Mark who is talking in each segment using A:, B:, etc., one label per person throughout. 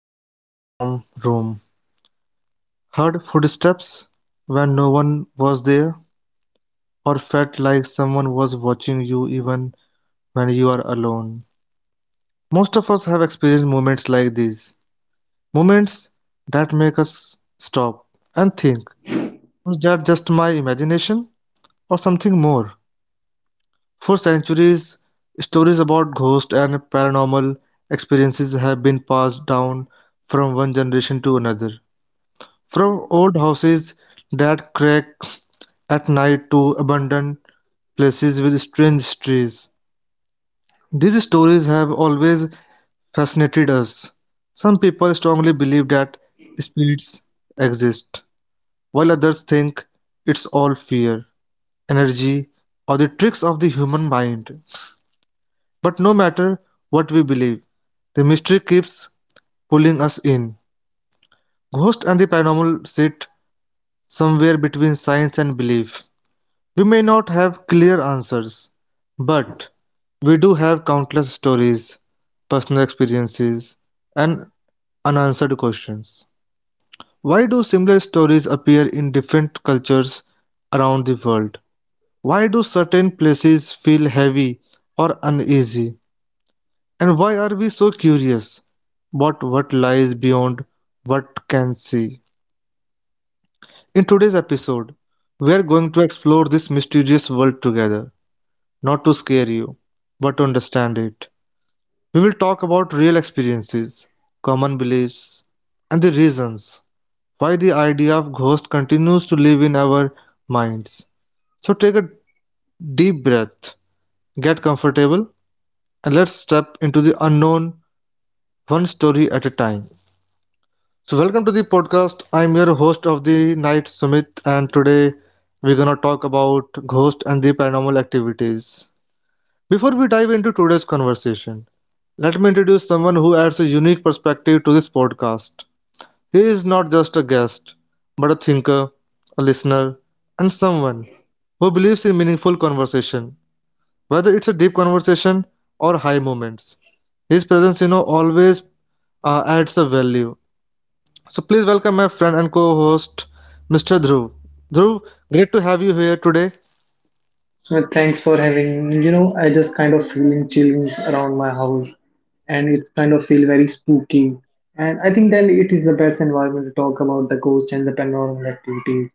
A: chill in a warm room, heard footsteps when no one was there, or felt like someone was watching you even when you are alone? Most of us have experienced moments like these, moments that make us stop and think, was that just my imagination or something more? For centuries, stories about ghosts and paranormal experiences have been passed down from one generation to another. From old houses that crack at night to abandoned places with strange trees, these stories have always fascinated us. Some people strongly believe that spirits exist, while others think it's all fear, energy, or the tricks of the human mind. But no matter what we believe, the mystery keeps pulling us in. Ghost and the paranormal sit somewhere between science and belief. We may not have clear answers, but we do have countless stories, personal experiences, and unanswered questions. Why do similar stories appear in different cultures around the world? Why do certain places feel heavy or uneasy? And why are we so curious about what lies beyond what can see? In today's episode, we are going to explore this mysterious world together, not to scare you, but to understand it. We will talk about real experiences, common beliefs, and the reasons why the idea of ghost continues to live in our minds. So take a deep breath, get comfortable, and let's step into the unknown one story at a time. So welcome to the podcast. I'm your host of the night, Sumit, and today we're gonna talk about ghost and the paranormal activities. Before we dive into today's conversation, let me introduce someone who adds a unique perspective to this podcast. He is not just a guest, but a thinker, a listener, and someone who believes in meaningful conversation, whether it's a deep conversation or high moments. His presence, always adds a value. So please welcome my friend and co-host, Mr. Dhruv. Dhruv, great to have you here today.
B: Well, thanks for having me. I just kind of feeling chillings around my house, and it's kind of feel very spooky. And I think then it is the best environment to talk about the ghost and the paranormal activities.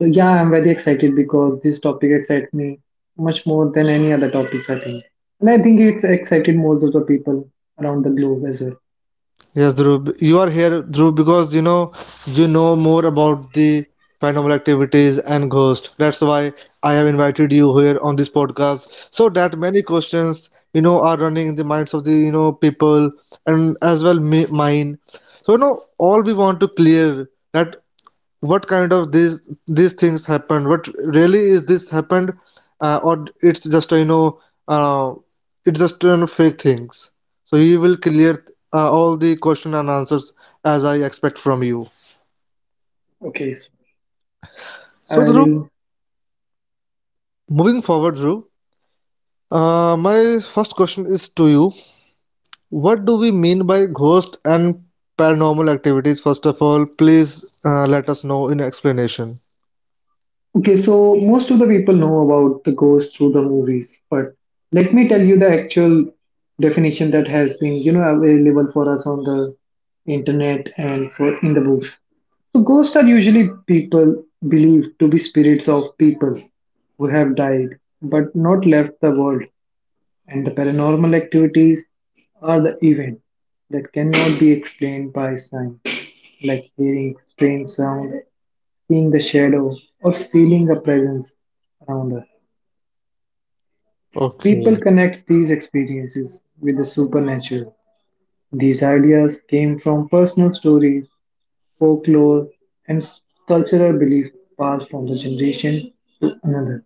B: So yeah, I'm very excited because this topic excites me much more than any other topics I think. And I think it's excited most of the people around the globe as well.
A: Yes, Dhruv, you are here, Dhruv, because you know more about the paranormal activities and ghosts. That's why I have invited you here on this podcast, so that many questions are running in the minds of the people, and as well me, mine. So all we want to clear that what kind of these things happened, what really is this happened, or uh, it's just fake things. So you will clear all the question and answers as I expect from you.
B: Okay, so
A: so
B: I
A: Dhruv,
B: will
A: Moving forward, Dhruv, my first question is to you, what do we mean by ghost and paranormal activities? First of all, please, let us know in explanation.
B: Okay, so most of the people know about the ghost through the movies, but let me tell you the actual definition that has been, available for us on the internet and for in the books. So ghosts are usually people believed to be spirits of people who have died but not left the world, and the paranormal activities are the event that cannot be explained by science, like hearing strange sound, seeing the shadow, or feeling a presence around her. People
A: Okay.
B: connect these experiences with the supernatural. These ideas came from personal stories, folklore, and cultural belief passed from the generation to another.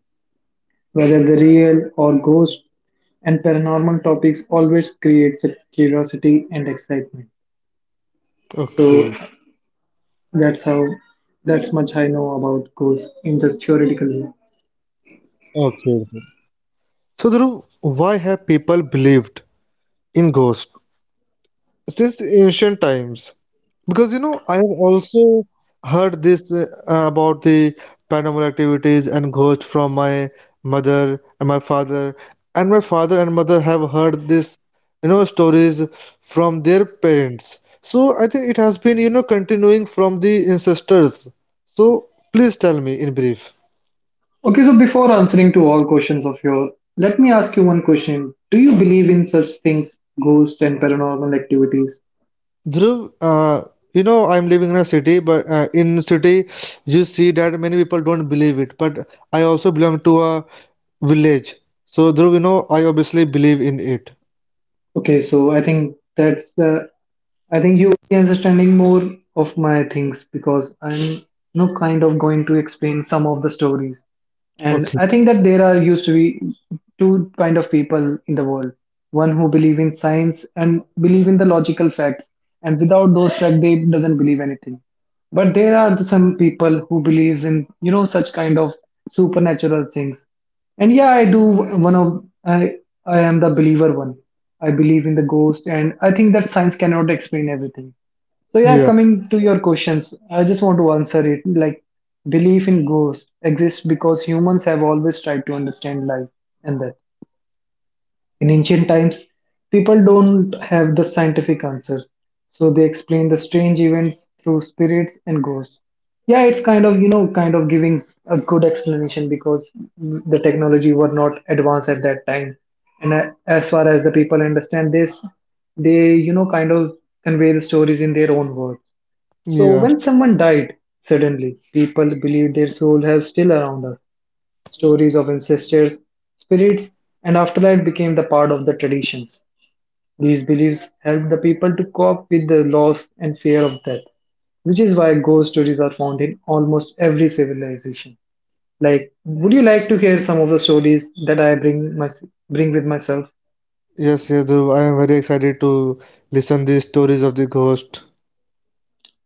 B: Whether the real or ghost and paranormal topics always creates a curiosity and excitement. So
A: Okay.
B: that's how that's much I know about ghosts in just theoretical way.
A: Okay. So, Dhruv, why have people believed in ghosts since ancient times? Because I have also heard this about the paranormal activities and ghosts from my mother and my father, and my father and mother have heard this, stories from their parents. So, I think it has been, continuing from the ancestors. So, please tell me in brief.
B: Okay, so before answering to all questions of your, let me ask you one question. Do you believe in such things, ghosts and paranormal activities?
A: Dhruv, I'm living in a city, but in city you see that many people don't believe it. But I also belong to a village, so Dhruv, I obviously believe in it.
B: Okay, so I think that's the I think you will be understanding more of my things because I'm kind of going to explain some of the stories. And
A: Okay.
B: I think that there are used to be two kind of people in the world. One who believe in science and believe in the logical facts, and without those facts they doesn't believe anything. But there are some people who believes in such kind of supernatural things. And yeah, one of I I am the believer one. I believe in the ghost, and I think that science cannot explain everything. So yeah,
A: Yeah.
B: coming to your questions, I just want to answer it like belief in ghost exists because humans have always tried to understand life and that. In ancient times, people don't have the scientific answers, so they explain the strange events through spirits and ghosts. Yeah, it's kind of, kind of giving a good explanation because the technology were not advanced at that time. And as far as the people understand this, they, kind of convey the stories in their own words. So
A: Yeah.
B: when someone died suddenly, people believe their soul have still around us. Stories of ancestors, spirits, and afterlife became the part of the traditions. These beliefs helped the people to cope with the loss and fear of death, which is why ghost stories are found in almost every civilization. Like, would you like to hear some of the stories that I bring my bring with myself?
A: Yes. Yes, Dhruv. I am very excited to listen these stories of the ghost.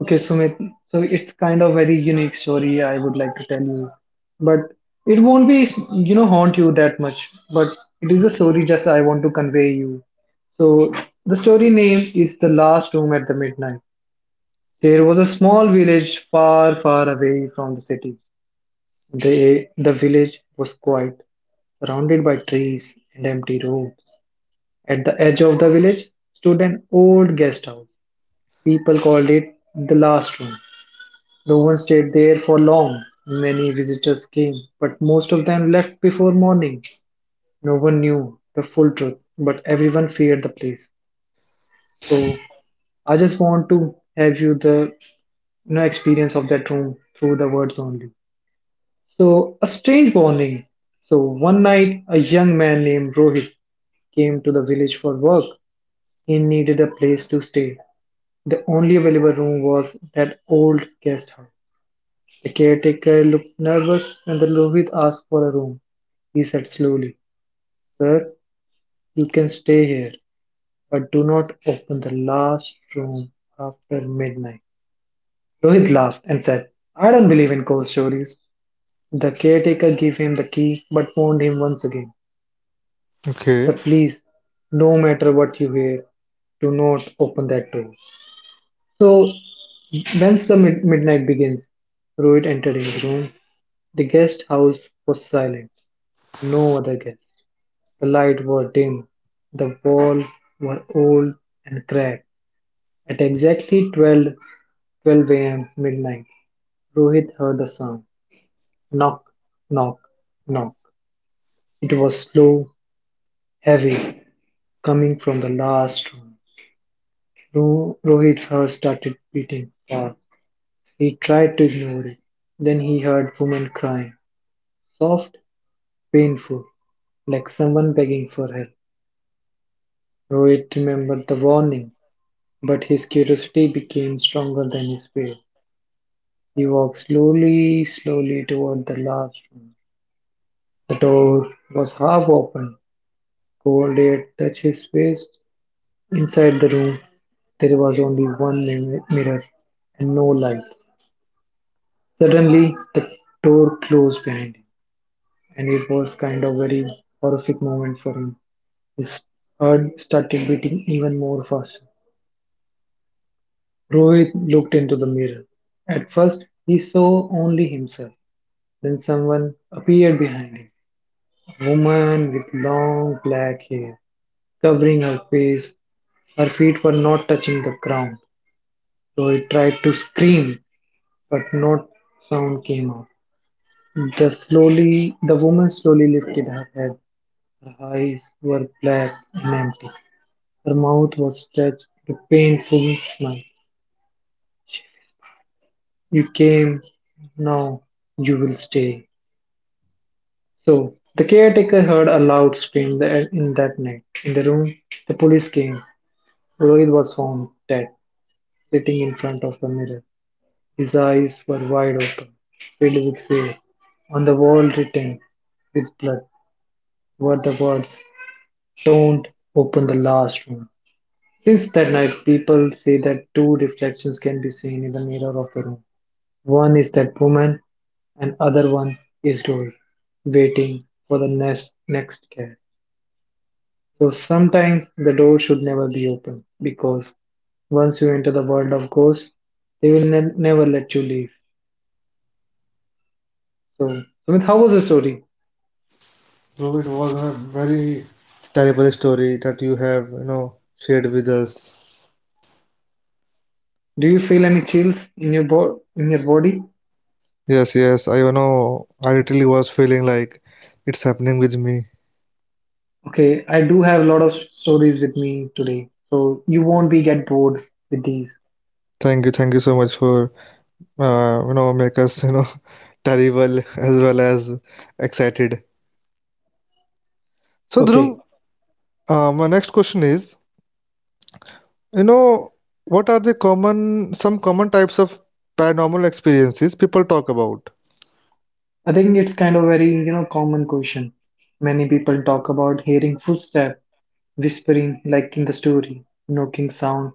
B: Okay, Sumit. So it's kind of very unique story I would like to tell you, but it won't be haunt you that much. But it is a story just I want to convey you. So the story name is The Last Room at the Midnight. There was a small village far, far away from the city. The village was quiet, surrounded by trees and empty rooms. At the edge of the village stood an old guest house. People called it the last room. No one stayed there for long. Many visitors came, but most of them left before morning. No one knew the full truth, but everyone feared the place. So I just want to have you the no experience of that room through the words only. So, a strange morning. So, one night, a young man named Rohit came to the village for work. He needed a place to stay. The only available room was that old guest house. The caretaker looked nervous when the Rohit asked for a room. He said slowly, "Sir, you can stay here, but do not open the last room after midnight." Rohit laughed and said, "I don't believe in ghost stories." The caretaker gave him the key but warned him once again
A: Okay.
B: that, "Please, no matter what you hear, do not open that door." So, once the midnight begins, Rohit entered his room. The guest house was silent, no other guest. The light were dim, the wall were old and cracked. At exactly 12, a.m. midnight, Rohit heard a sound: knock, knock, knock. It was slow, heavy, coming from the last room. Rohit's heart started beating fast. He tried to ignore it. Then he heard women crying, soft, painful, like someone begging for help. Rohit remembered the warning, but his curiosity became stronger than his fear. He walked slowly, slowly toward the last room. The door was half open. Cold air touched his face. Inside the room, there was only one mirror and no light. Suddenly the door closed behind him, and it was kind of very horrific moment for him. His heart started beating even more faster. Rohit looked into the mirror. At first he saw only himself. Then someone appeared behind him. A woman with long black hair covering her face. Her feet were not touching the ground. Rohit tried to scream, but no sound came out. The woman slowly lifted her head. Her eyes were black and empty. Her mouth was stretched with a painful smile. "You came, now you will stay." So, the caretaker heard a loud scream in that night. In the room, the police came. Rohit was found dead, sitting in front of the mirror. His eyes were wide open, filled with fear. On the wall, written with blood, were the words, "Don't open the last room." Since that night, people say that two reflections can be seen in the mirror of the room. One is that woman, and other one is door, waiting for the next next cat. So sometimes the door should never be open because once you enter the world of ghosts, they will never let you leave. So, Sumit, how was the story?
A: Dhruv, it was a very terrible story that you have shared with us.
B: Do you feel any chills in your in your body?
A: Yes. Yes. I you know I literally was feeling like it's happening with me.
B: Okay, I do have a lot of stories with me today, so you won't be get bored with these.
A: Thank you so much for make us terrible as well as excited. So Dhruv,
B: Okay,
A: my next question is, you know, what are the common some common types of paranormal experiences people talk about?
B: I think it's kind of very, common question. Many people talk about hearing footsteps, whispering like in the story, knocking sound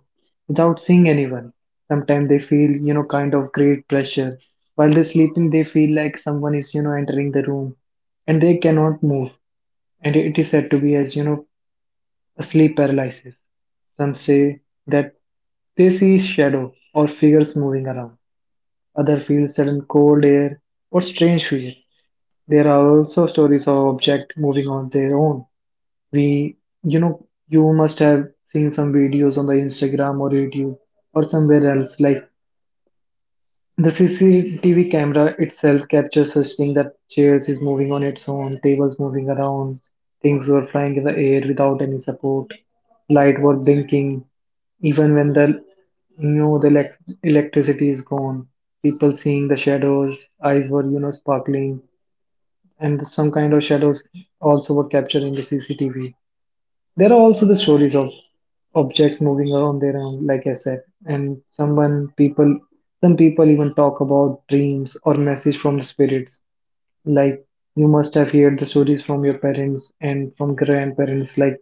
B: without seeing anyone. Sometimes they feel, kind of great pressure. While they're sleeping, they feel like someone is, entering the room and they cannot move. And it is said to be as, a sleep paralysis. Some say that they see shadow or figures moving around. Others feel sudden cold air or strange fear. There are also stories of objects moving on their own. We, you must have seen some videos on the Instagram or YouTube or somewhere else. Like the CCTV camera itself captures such thing that chairs is moving on its own, tables moving around, things were flying in the air without any support, light were blinking, even when the the electricity is gone, people seeing the shadows, eyes were sparkling, and some kind of shadows also were captured in the CCTV. There are also the stories of objects moving around their own, like I said, and some people even talk about dreams or message from the spirits. Like you must have heard the stories from your parents and from grandparents, like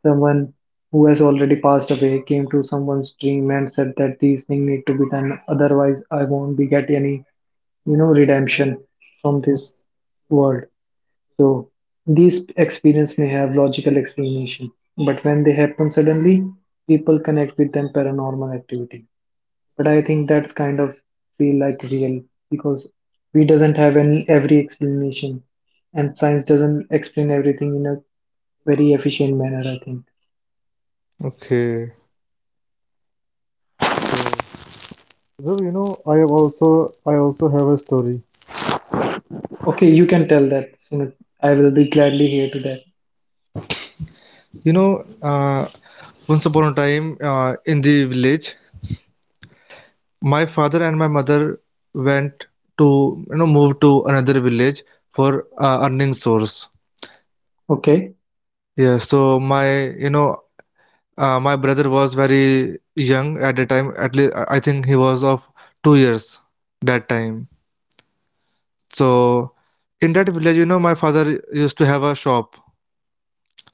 B: someone who has already passed away came to someone's dream and said that these things need to be done, otherwise I won't be get any, redemption from this world. So these experiences may have logical explanation, but when they happen suddenly, people connect with them paranormal activity. But I think that's kind of feel like real because we doesn't have any every explanation, and science doesn't explain everything in a very efficient manner. I think.
A: Okay. So, Dhruv, I also have a story.
B: Okay, you can tell that. You know, I will be gladly here to that.
A: You know, once upon a time, in the village, my father and my mother went to move to another village for earning source.
B: Okay,
A: Yeah, so my brother was very young at the time. At least I think he was of 2 years that time. So in that village, my father used to have a shop.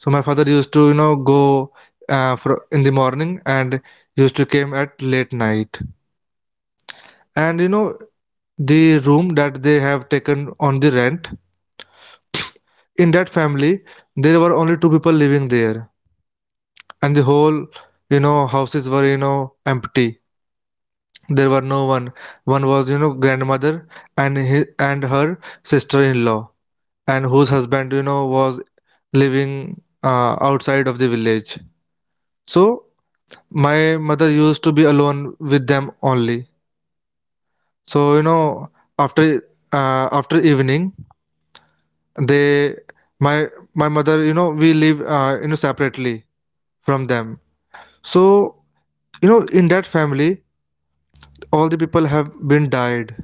A: So my father used to go for in the morning and used to came at late night. And the room that they have taken on the rent, in that family there were only two people living there, and the whole houses were empty. There were no one. One was grandmother, and her sister-in-law, and whose husband was living outside of the village. So my mother used to be alone with them only. So after after evening, they my my mother, we live, separately from them. So in that family, all the people have been died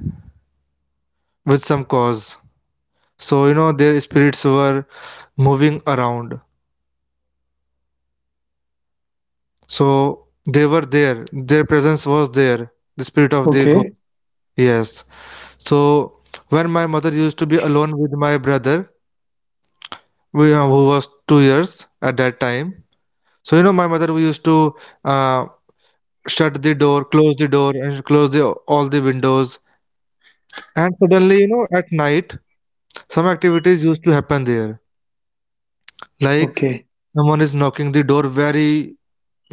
A: with some cause. So their spirits were moving around. So they were there, their presence was there, the spirit of the
B: okay,
A: ghost. Yes. So when my mother used to be alone with my brother, who was 2 years at that time. So my mother, we used to uh, shut the door close the door and close the all the windows. And suddenly, at night some activities used to happen there, like
B: okay,
A: someone is knocking the door very,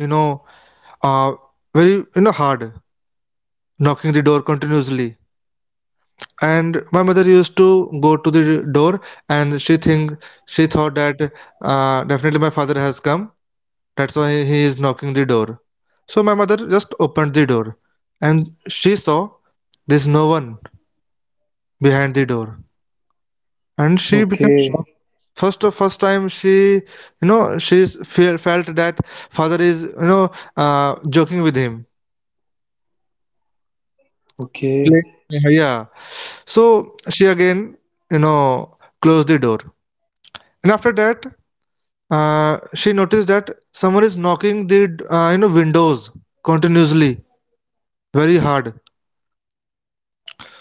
A: you know uh, hard, knocking the door continuously. And my mother used to go to the door, and she thought that definitely my father has come, that's why he is knocking the door. So my mother just opened the door and she saw there's no one behind the door, and she became
B: okay,
A: shocked. First time, she felt that father is joking with him,
B: okay,
A: playing with her. Yeah. So she again closed the door, and after that she noticed that someone is knocking the windows continuously, very hard.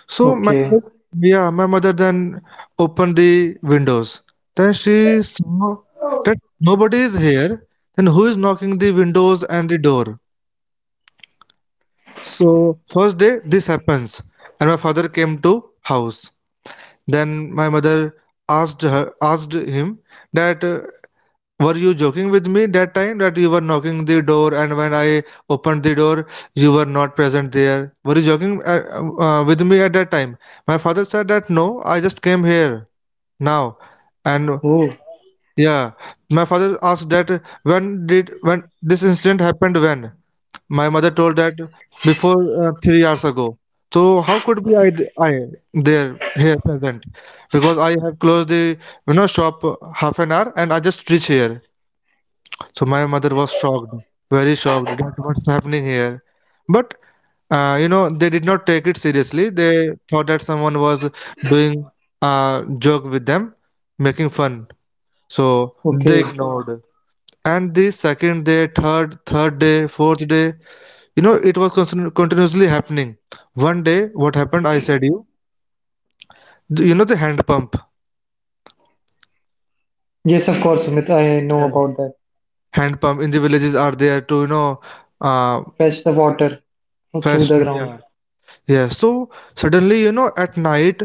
A: So my
B: okay.
A: mother, yeah, my mother then opened the windows. Then she saw that nobody is here. Then who is knocking the windows and the door? So first day this happens, and my father came to house. Then my mother asked him that were you joking with me that time, that you were knocking the door, and when I opened the door, you were not present there? Were you joking with me at that time? My father said that no, I just came here now. And
B: Oh,
A: yeah, my father asked that when this incident happened, when? My mother told that before 3 hours ago. So how could be I there here present? Because I have closed the shop half an hour and I just reach here. So my mother was shocked, very shocked that what's happening here. But they did not take it seriously. They thought that someone was doing a joke with them, making fun. So they
B: okay.
A: ignored. And the second day, third day, fourth day, it was constant, continuously happening. One day, what happened? I said you, the hand pump.
B: Yes, of course, Sumit. I know
A: Yes.
B: about that.
A: Hand pump in the villages are there to uh
B: Fetch the water through
A: fest.
B: the ground.
A: Yeah, Yeah, so suddenly, at night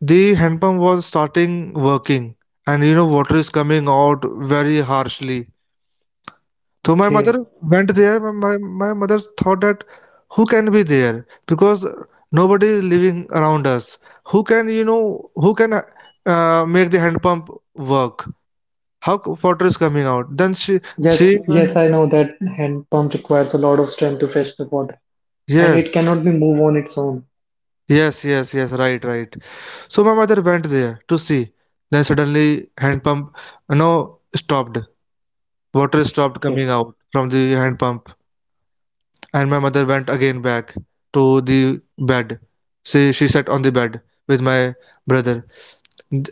A: the hand pump was starting working, and water is coming out very harshly. So my
B: Okay.
A: mother went there. My mother thought that who can be there, because nobody is living around us. Who can make the hand pump work? How water is coming out? Then she
B: Yes,
A: she
B: yes,
A: went.
B: I know that hand pump requires a lot of strength to fetch the water, and it
A: Yes,
B: cannot be moved on its own.
A: yes, yes, yes, right, right. So my mother went there to see. Then suddenly hand pump stopped. Water stopped coming
B: Okay.
A: out from the hand pump. And my mother went again back to the bed. She sat on the bed with my brother.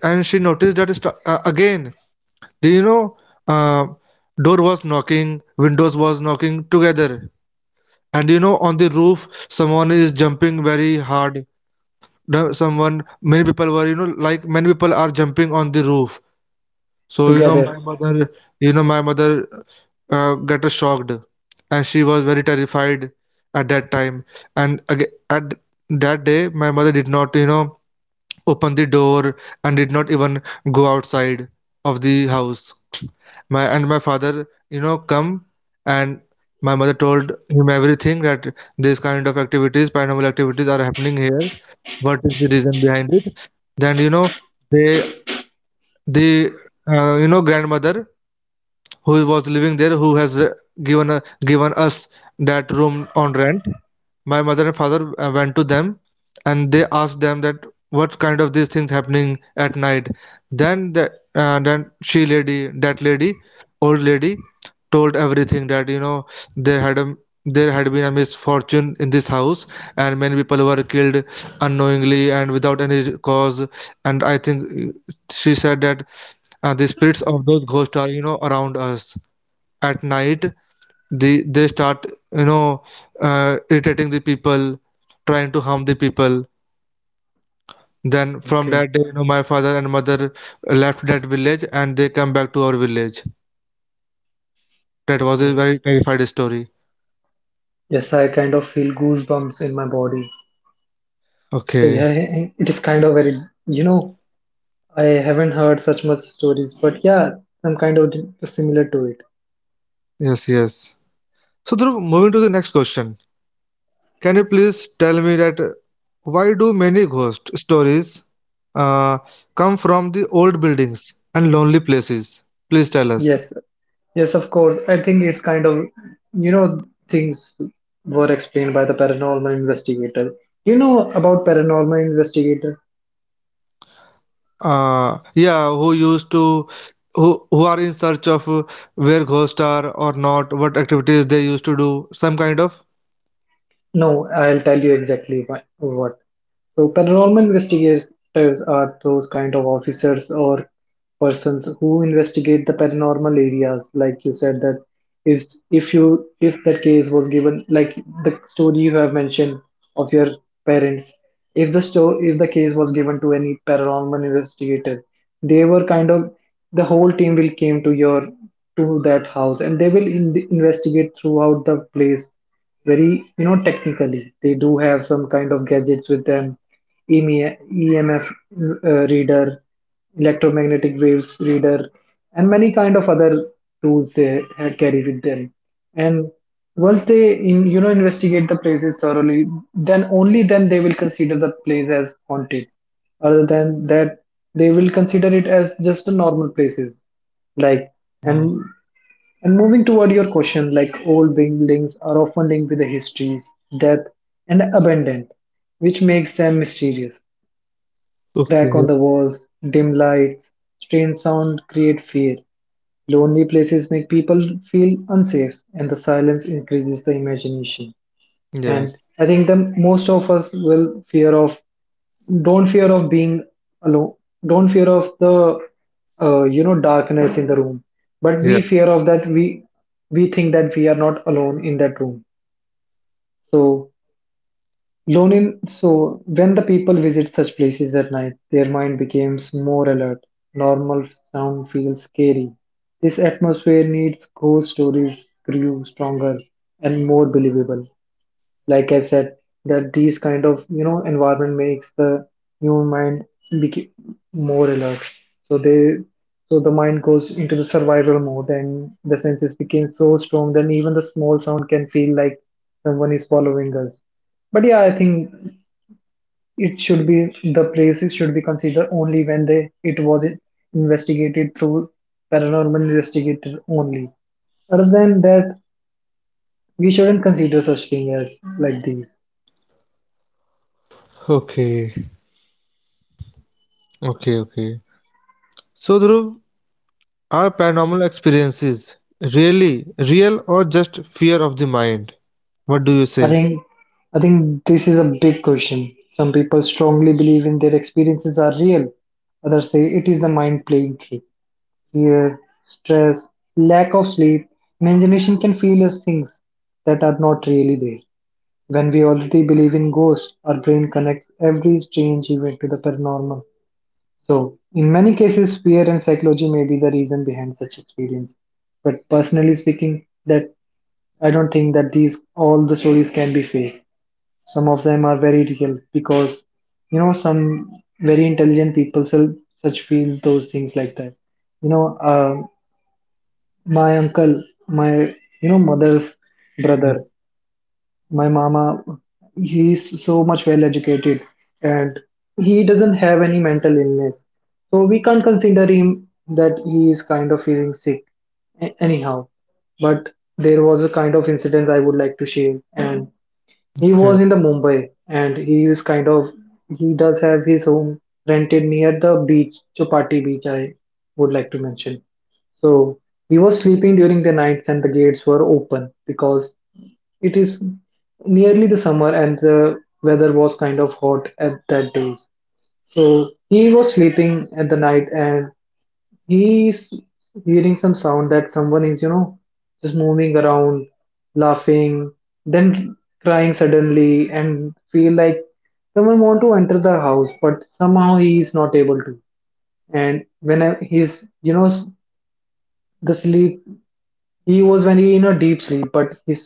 A: And she noticed that again the uh, door was knocking, windows was knocking together. And on the roof someone is jumping very hard. The- Someone many people were you know like many people are jumping on the roof. So
B: Together.
A: my mother, got shocked, and she was very terrified at that time. And aga at that day, my mother did not, open the door and did not even go outside of the house. My father, come, and my mother told him everything that this kind of activities, paranormal activities, are happening here. What is the reason behind it? Then they the grandmother who was living there, who has given us that room on rent. My mother and father went to them, and they asked them that what kind of these things happening at night. Then the uh, then she lady that lady old lady told everything that, there had a there had been a misfortune in this house, and many people were killed unknowingly and without any cause. And I think, she said that the spirits of those ghosts are, around us at night. They start, you know irritating the people, trying to harm the people. Then from
B: Okay.
A: that day, my father and mother left that village, and they come back to our village. That was a
B: Hmm.
A: very terrified story.
B: Yes, I kind of feel goosebumps in my body. So
A: Okay.
B: yeah, it is kind of very, you know, I haven't heard such much stories, but yeah, I'm kind of similar to it.
A: Yes, yes. So, Dhruv, moving to the next question, can you please tell me that, why do many ghost stories uh, come from the old buildings and lonely places? Please tell us.
B: Yes, yes, of course. I think it's kind of, you know, things were explained by the paranormal investigator. You know about paranormal investigator?
A: Yeah, who used to, who are in search of, where ghosts are or not, what activities they used to do, some kind of.
B: No, I'll tell you exactly why, what. So paranormal investigators are those kind of officers or persons who investigate the paranormal areas. Like you said that if if you if that case was given like the story you have mentioned of your parents, if the if the case was given to any paranormal investigator, they were kind of the whole team will came to your to that house and they will investigate throughout the place very you know, technically they do have some kind of gadgets with them. EMF reader, electromagnetic waves reader, and many kind of other tools they had carry with them. And once they you know, investigate the places thoroughly, then only then they will consider the place as haunted. Other than that, they will consider it as just a normal places. Like
A: Mm.
B: and and moving toward your question, like old buildings are often linked with the histories, death, and abandonment, which makes them mysterious. Crack
A: Okay.
B: on the walls, dim lights, strange sound create fear. Lonely places make people feel unsafe, and the silence increases the imagination. And
A: Yes.
B: I think the most of us will fear of don't fear of being alone, don't fear of the you know, darkness in the room, but
A: Yeah.
B: we fear of that we think that we are not alone in that room. So Lonin, so when the people visit such places at night, their mind becomes more alert. Normal sound feels scary. This atmosphere needs ghost stories grew stronger and more believable like I said that these kind of you know, environment makes the human mind become more alert, so they so the mind goes into the survival mode and the senses became so strong that even the small sound can feel like someone is following us. But yeah, I think it should be the places should be considered only when they it was investigated through paranormal investigator only. Other than that, we shouldn't consider such thing as like these.
A: Okay, okay, okay. So, Dhruv, are paranormal experiences really real, or just fear of the mind? What do you
B: I
A: say?
B: think I think this is a big question. Some people strongly believe in their experiences are real. Others say it is the mind playing trick. Fear, stress, lack of sleep, imagination can feel as things that are not really there. When we already believe in ghosts, our brain connects every strange event to the paranormal. So, in many cases, fear and psychology may be the reason behind such experience. But personally speaking, that I don't think that these all the stories can be fake. Some of them are very real because, you know, some very intelligent people sell such feels those things like that. You know, uh, my uncle, my, mother's brother, my mama, he's so much well educated and he doesn't have any mental illness. So we can't consider him that he is kind of feeling sick anyhow. But there was a kind of incident I would like to share, and he
A: Okay,
B: was in the Mumbai and he is kind of he does have his home rented near the beach, Chopati Beach, I would like to mention. So he was sleeping during the nights and the gates were open because it is nearly the summer and the weather was kind of hot at that days. So he was sleeping at the night and he's hearing some sound that someone is, you know, just moving around, laughing, then crying suddenly, and feel like someone want to enter the house, but somehow he is not able to. And the sleep he was when he in a deep sleep, but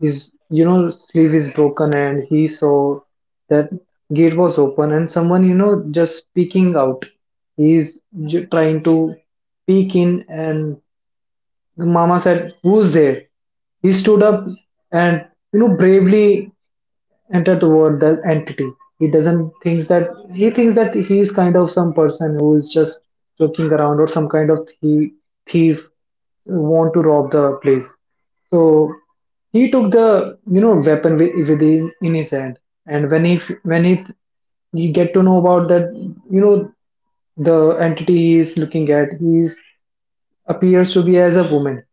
B: his you know, sleep is broken, and he saw that gate was open, and someone you know, just peeking out. He's trying to peek in, and the mama said, "Who's there?" He stood up and you know, bravely entered toward the entity. He doesn't thinks that he is kind of some person who is just joking around or some kind of thief who want to rob the place. So he took the you know, weapon within in his hand, and when he f- when he th- you get to know about that you know, the entity he is looking at he is appears to be as a woman.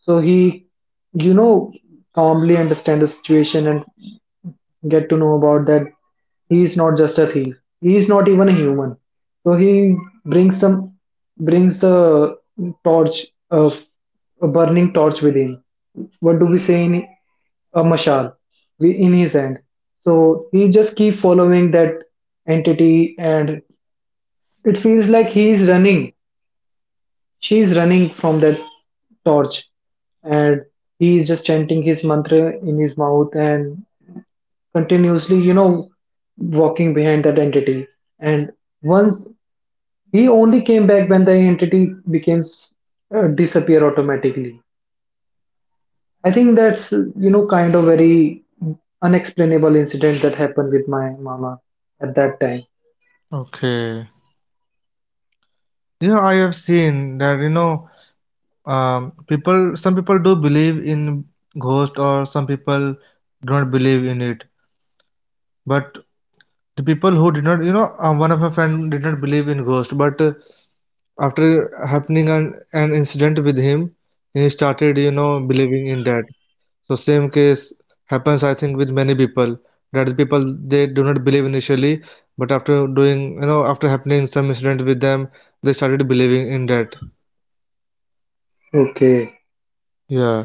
B: So he, you know, calmly understand the situation and get to know about that he is not just a thief. He is not even a human. So he brings some brings the torch of a burning torch with him. What do we say in a mashal in his hand? So he just keep following that entity, and it feels like he is running She's running from that torch, and he is just chanting his mantra in his mouth and continuously, you know, walking behind that entity. And once he only came back when the entity became disappear automatically. I think that's you know, kind of very unexplainable incident that happened with my mama at that time.
A: okay. Yeah, I have seen that, people some people do believe in ghost, or some people don't believe in it. But the people who did not, one of my friend did not believe in ghost, but after happening an incident with him, he started, believing in that. So same case happens, I think, with many people. That is, people, they do not believe initially, but after doing you know after happening some incident with them, they started believing in that.
B: Okay.
A: Yeah.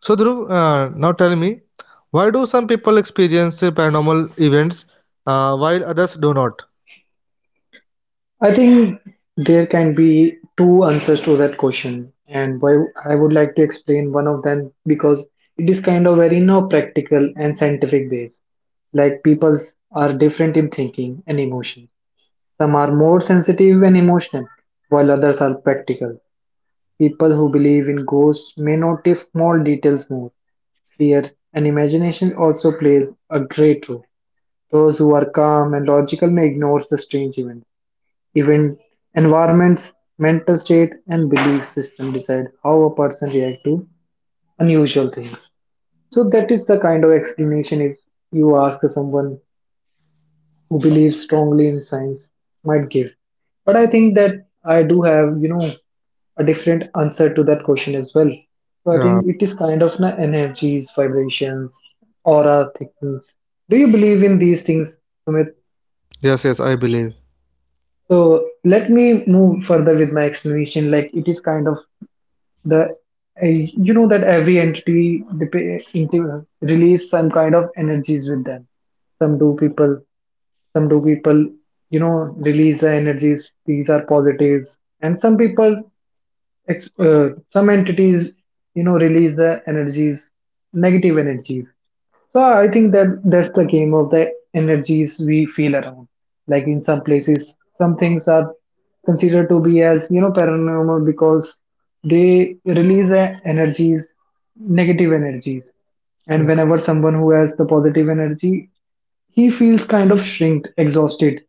A: So, Dhruv, now tell me, why do some people experience paranormal events, while others do not?
B: I think there can be two answers to that question, and why I would like to explain one of them because it is kind of very no practical and scientific base. Like people are different in thinking and emotion. Some are more sensitive and emotional, while others are practical. People who believe in ghosts may notice small details more. Fear and imagination also plays a great role. Those who are calm and logical may ignore the strange events even environments, mental state, and belief system decide how a person reacts to unusual things. So that is the kind of explanation if you ask someone who believes strongly in science might give. But I think that I do have, you know, a different answer to that question as well. So I
A: uh,
B: think it is kind of na energies, vibrations, aura things. Do you believe in these things, Sumit?
A: yes, yes, I believe.
B: So let me move further with my explanation. Like it is kind of the you know that every entity dep- into- release some kind of energies with them some do people some do people you know release the energies these are positives and some people ex- some entities you know release the energies negative energies so I think that that's the game of the energies we feel around. Like in some places, some things are considered to be as you know paranormal because they release a- energies, negative energies,
A: Mm.
B: and whenever someone who has the positive energy, he feels kind of shrinked, exhausted,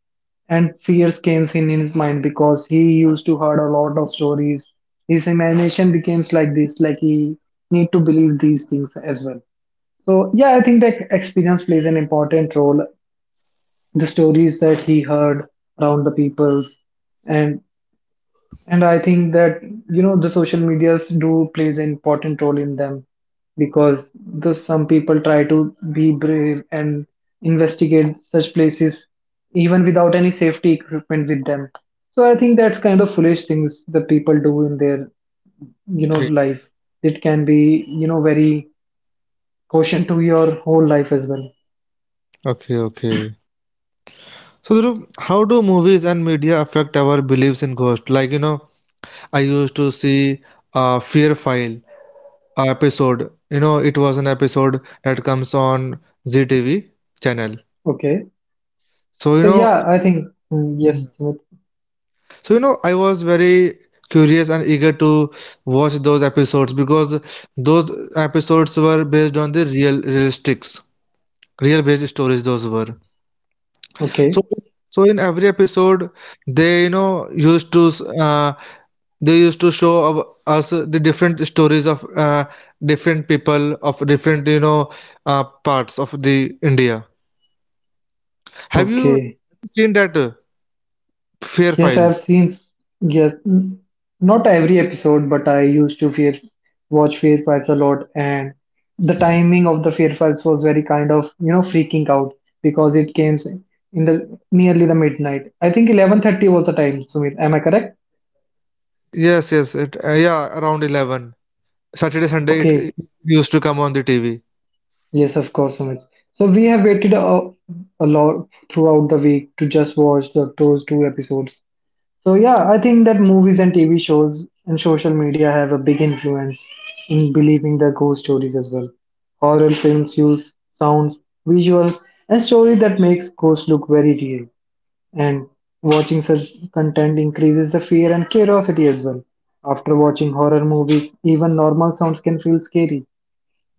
B: and fears came in his mind because he used to heard a lot of stories. His imagination becomes like this, like he need to believe these things as well so yeah, I think that experience plays an important role. The stories that he heard around the peoples, and and I think that you know the social medias do plays an important role in them because the some people try to be brave and investigate such places even without any safety equipment with them. So I think that's kind of foolish things that people do in their you know
A: Okay,
B: life. It can be you know very caution to your whole life as well.
A: okay, okay. So, Dhruv, how do movies and media affect our beliefs in ghosts? Like, I used to see Fear File episode. It was an episode that comes on ZTV channel.
B: Okay.
A: So,
B: So yeah, I think mm, yes.
A: yeah.
B: Sumit.
A: So, I was very curious and eager to watch those episodes because those episodes were based on the real realistics, real based stories. Those were,
B: Okay,
A: so. So in every episode, they you know used to uh, they used to show us the different stories of different people of different, parts of the India. Have you
B: okay.
A: seen that Fair
B: Yes, I've
A: Files?
B: seen. Yes, mm, not every episode, but I used to fear watch Fear Files a lot, and the timing of the Fear Files was very kind of you know freaking out because it came in the nearly the midnight. I think 11:30 was the time. Sumit, am I correct?
A: Yes, yes, yeah, around 11. Saturday, Sunday, it,
B: Okay.
A: it used to come on the TV.
B: Yes, of course, Sumit. So we have waited a lot throughout the week to just watch the, those two episodes So yeah, I think that movies and TV shows and social media have a big influence in believing the ghost stories as well. Horror films use sounds, visuals, and story that makes ghosts look very real. And watching such content increases the fear and curiosity as well. After watching horror movies, even normal sounds can feel scary.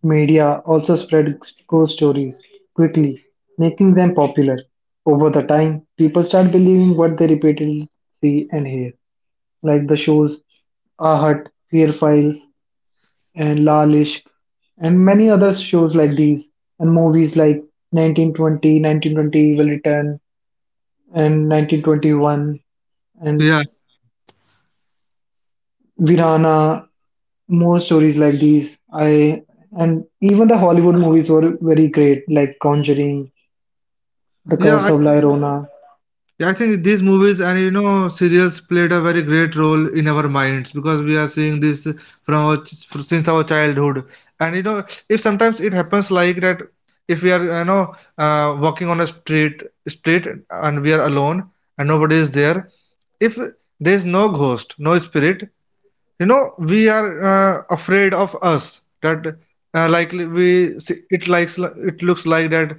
B: Media also spread ghost stories quickly, making them popular. Over the time, people start believing what they repeatedly see and hear like the shows Ahat, Fear Files, and Laal Ishq, and many other shows like these, and movies like 1920, 1920 Evil Return, and 1921, and
A: Yeah,
B: Virana. More stories like these. I and even the Hollywood movies were very great, like Conjuring, The
A: yeah,
B: Curse of La Llorona.
A: I think these movies and, serials played a very great role in our minds, because we are seeing this from our, since our childhood. And, if sometimes it happens like that, if we are, walking on a street and we are alone and nobody is there, if there is no ghost, no spirit, we are, afraid of us that, likely we, it likes, it looks like that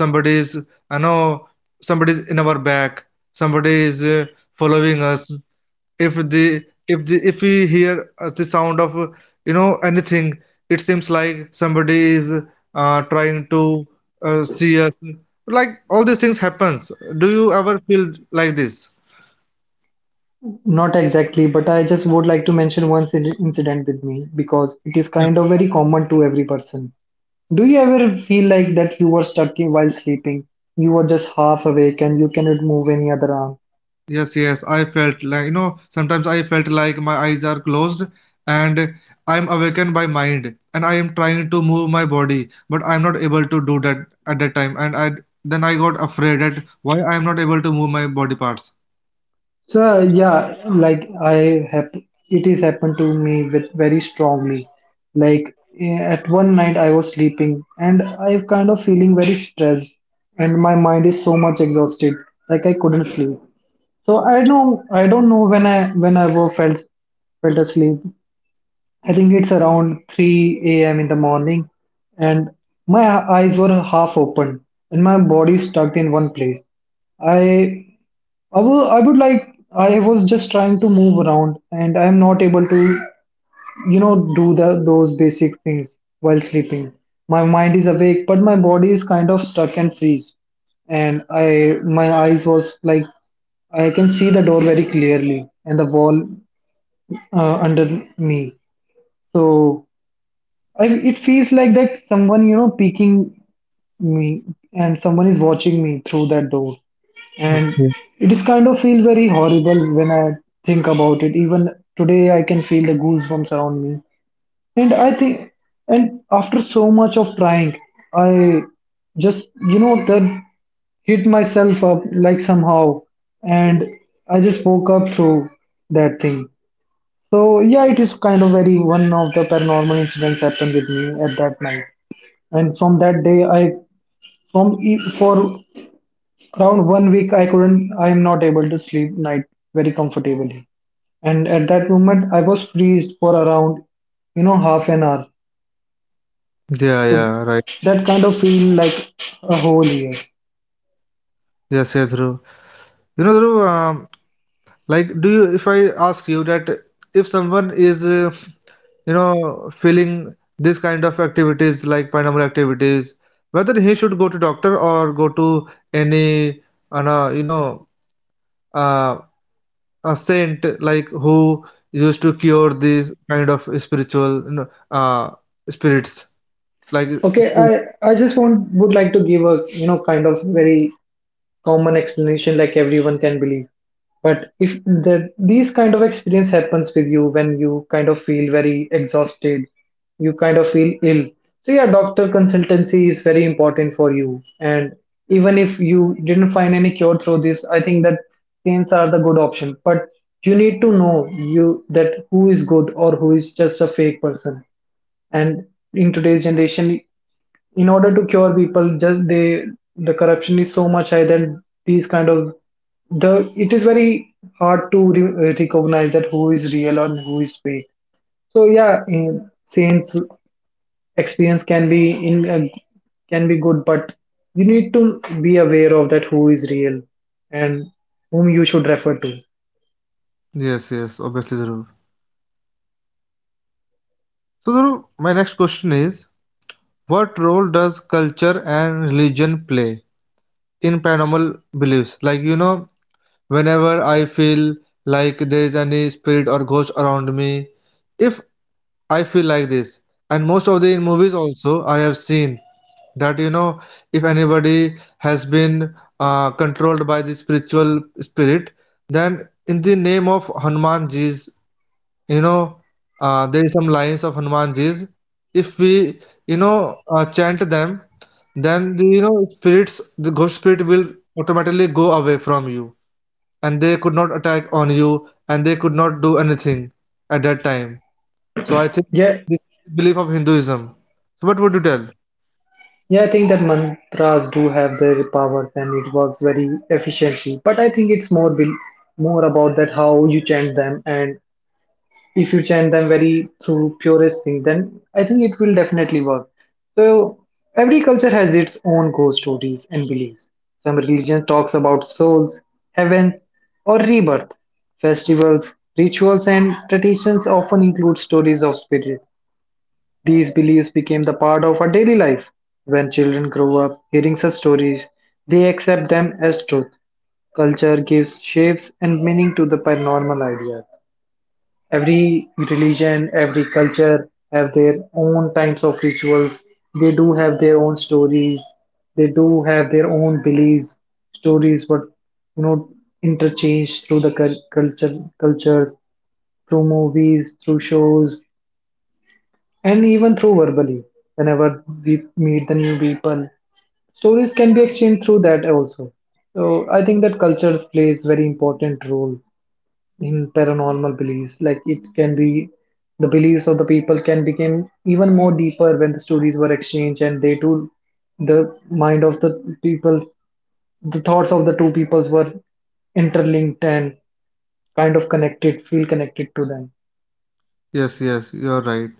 A: somebody is, I know somebody is in our back, somebody is, following us. If the, if we hear the sound of, anything, it seems like somebody is, trying to, see us. Like, all these things happens. Do you ever feel like this?
B: Not exactly, but I just would like to mention one inci- incident with me because it is kind of very common to every person. Do you ever feel like that you were stuck in- while sleeping? You were just half awake and you cannot move any other arm.
A: Yes, yes, I felt like, sometimes I felt like my eyes are closed, and I'm awakened by mind, and I am trying to move my body, but I'm not able to do that at that time. And I then I got afraid at why I'm not able to move my body parts.
B: So yeah, like I have, it is happened to me with very strongly. Like eh, at one night I was sleeping and I kind of feeling very stressed and my mind is so much exhausted. Like I couldn't sleep. So I know I don't know when I was felt felt asleep. I think it's around 3 a.m. in the morning, and my eyes were half open and my body stuck in one place. I I wou- I would like I was just trying to move around, and I'm not able to do the those basic things while sleeping. My mind is awake, but my body is kind of stuck and freeze. And I my eyes was like I can see the door very clearly and the wall under me. So it feels like that someone, peeking me, and someone is watching me through that door. And
A: Yeah,
B: it is kind of feel very horrible when I think about it. Even today, I can feel the goosebumps around me. And I think, and after so much of trying, I just, that hit myself up like somehow. And I just woke up through that thing. So yeah, it is kind of very one of the paranormal incidents happened with me at that night. And from that day, for around one week I am not able to sleep night very comfortably. And at that moment I was freezed for around half an hour.
A: yeah,
B: So
A: yeah, right.
B: that kind of feel like a whole year.
A: Yes, yes, Dhruv. You know, Dhruv, like, if I ask you that, if someone is, feeling this kind of activities like paranormal activities, whether he should go to doctor or go to any, an, you know, uh, a saint like, who used to cure these kind of spiritual, spirits. Like,
B: Okay, I just want would like to give a kind of very common explanation like everyone can believe. But if these kind of experience happens with you when you kind of feel very exhausted, you kind of feel ill. So yeah, doctor consultancy is very important for you. And even if you didn't find any cure through this, I think that pains are the good option. But you need to know you that who is good or who is just a fake person. And in today's generation, in order to cure people, just they the corruption is so much high that these kind of the it is very hard to recognize that who is real and who is fake. So yeah, saints experience can be good. But you need to be aware of that who is real and whom you should refer to.
A: yes, yes, obviously, Zaruf. So, Zaruf, my next question is, what role does culture and religion play in paranormal beliefs? Like, whenever I feel like there is any spirit or ghost around me, if I feel like this, and most of the in movies also I have seen that, if anybody has been controlled by the spiritual spirit, then in the name of Hanumanji's, you know, there is some lines of Hanumanji's. If we, chant them, then the, spirits, the ghost spirit will automatically go away from you, and they could not attack on you, and they could not do anything at that time. So I think
B: Yeah.
A: this is the belief of Hinduism. So what would you tell?
B: Yeah, I think that mantras do have their powers and it works very efficiently. But I think it's more about that how you chant them, and if you chant them very through purest thing, then I think it will definitely work. So every culture has its own ghost stories and beliefs. Some religions talks about souls, heavens, or rebirth. Festivals, rituals, and traditions often include stories of spirits. These beliefs became the part of our daily life. When children grow up hearing such stories, they accept them as truth. Culture gives shapes and meaning to the paranormal ideas. Every religion, every culture have their own types of rituals. They do have their own stories. They do have their own beliefs, stories, but you know, interchanged through the culture, cultures, through movies, through shows, and even through verbally whenever we meet the new people, stories can be exchanged through that also. So I think that culture plays very important role in paranormal beliefs, like it can be the beliefs of the people can become even more deeper when the stories were exchanged, and they too the mind of the people, the thoughts of the two peoples were interlinked and kind of connected, feel connected to them.
A: Yes, yes, you're right.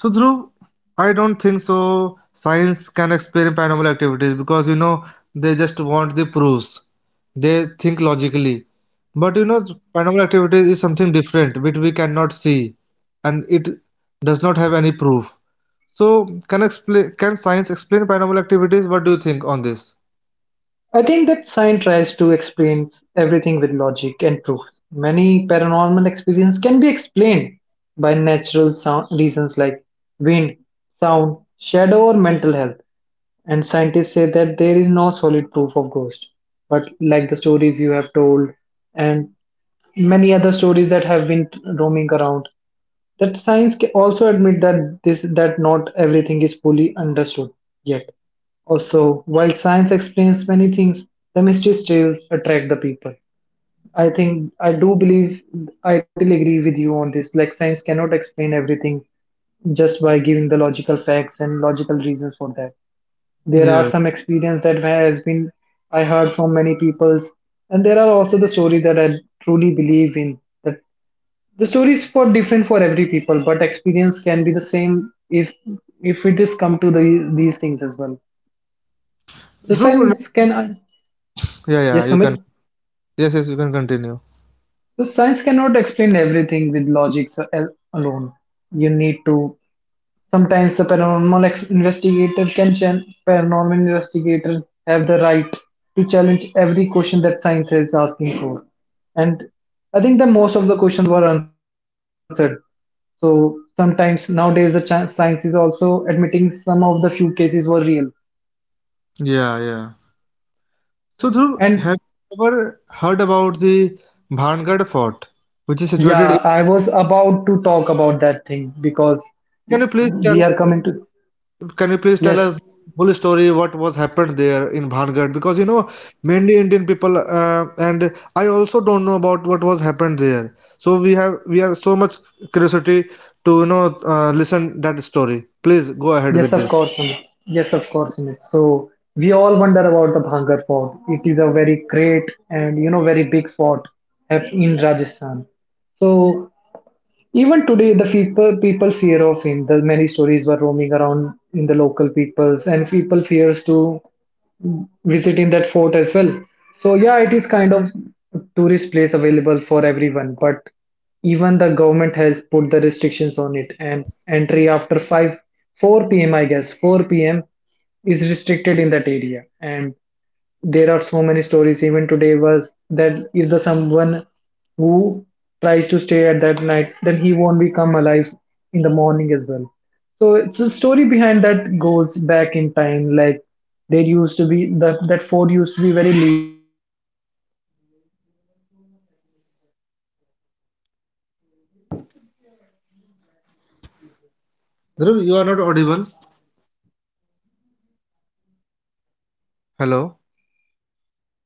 A: So, Dhruv, I don't think so science can explain paranormal activities because, they just want the proofs. They think logically. But, paranormal activities is something different which we cannot see, and it does not have any proof. So, can science explain paranormal activities? What do you think on this?
B: I think that science tries to explain everything with logic and proof. Many paranormal experiences can be explained by natural sound reasons like wind, sound, shadow, or mental health. And scientists say that there is no solid proof of ghost. But like the stories you have told and many other stories that have been roaming around, that science also admit that this that not everything is fully understood yet. Also, while science explains many things, the mystery still attract the people. I think I do believe, I totally agree with you on this, like science cannot explain everything just by giving the logical facts and logical reasons for that. There are
A: Yeah.
B: some experience that has been I heard from many peoples, and there are also the story that I truly believe in, that the story is for different for every people, but experience can be the same if it is come to these things as well. So
A: Dhruv,
B: science can.
A: yeah, yeah,
B: Yes,
A: you can.
B: Sumit.
A: Yes, yes, you can continue.
B: So science cannot explain everything with logics alone. You need to. Sometimes the paranormal investigator can paranormal investigator have the right to challenge every question that science is asking for. And I think that most of the questions were answered. So sometimes nowadays the science is also admitting some of the few cases were real.
A: Yeah, yeah. So, Dhruv,
B: And
A: have you ever heard about the Bhangad Fort, which is situated
B: yeah,
A: in...
B: I was about to talk about that thing because
A: Can you please tell
B: we
A: us,
B: are coming to.
A: can you please tell
B: Yes.
A: us the full story? What was happened there in Bhangad? Because, mainly Indian people, and I also don't know about what was happened there. So we are so much curiosity to, listen that story. Please go ahead
B: Yes,
A: with
B: of
A: this.
B: course, Amit. Yes, of course, Amit. So we all wonder about the Bhangar Fort. It is a very great and very big fort in Rajasthan. So even today, the people fear of him. The many stories were roaming around in the local peoples, and people fears to visiting that fort as well. So yeah, it is kind of a tourist place available for everyone, but even the government has put the restrictions on it, and entry after 5 4 p.m., I guess 4 p.m., is restricted in that area. And there are so many stories even today was that if the someone who tries to stay at that night, then he won't become alive in the morning as well. So it's a story behind that goes back in time, like there used to be that fort used to be very livelihood. There was so much happiness in that fort as well. So there used to be a black magic user. What
A: Dhruv,
B: do
A: you are
B: we
A: not
B: say
A: audible.
B: is tantric. So he do his tantric vidya
A: Hello?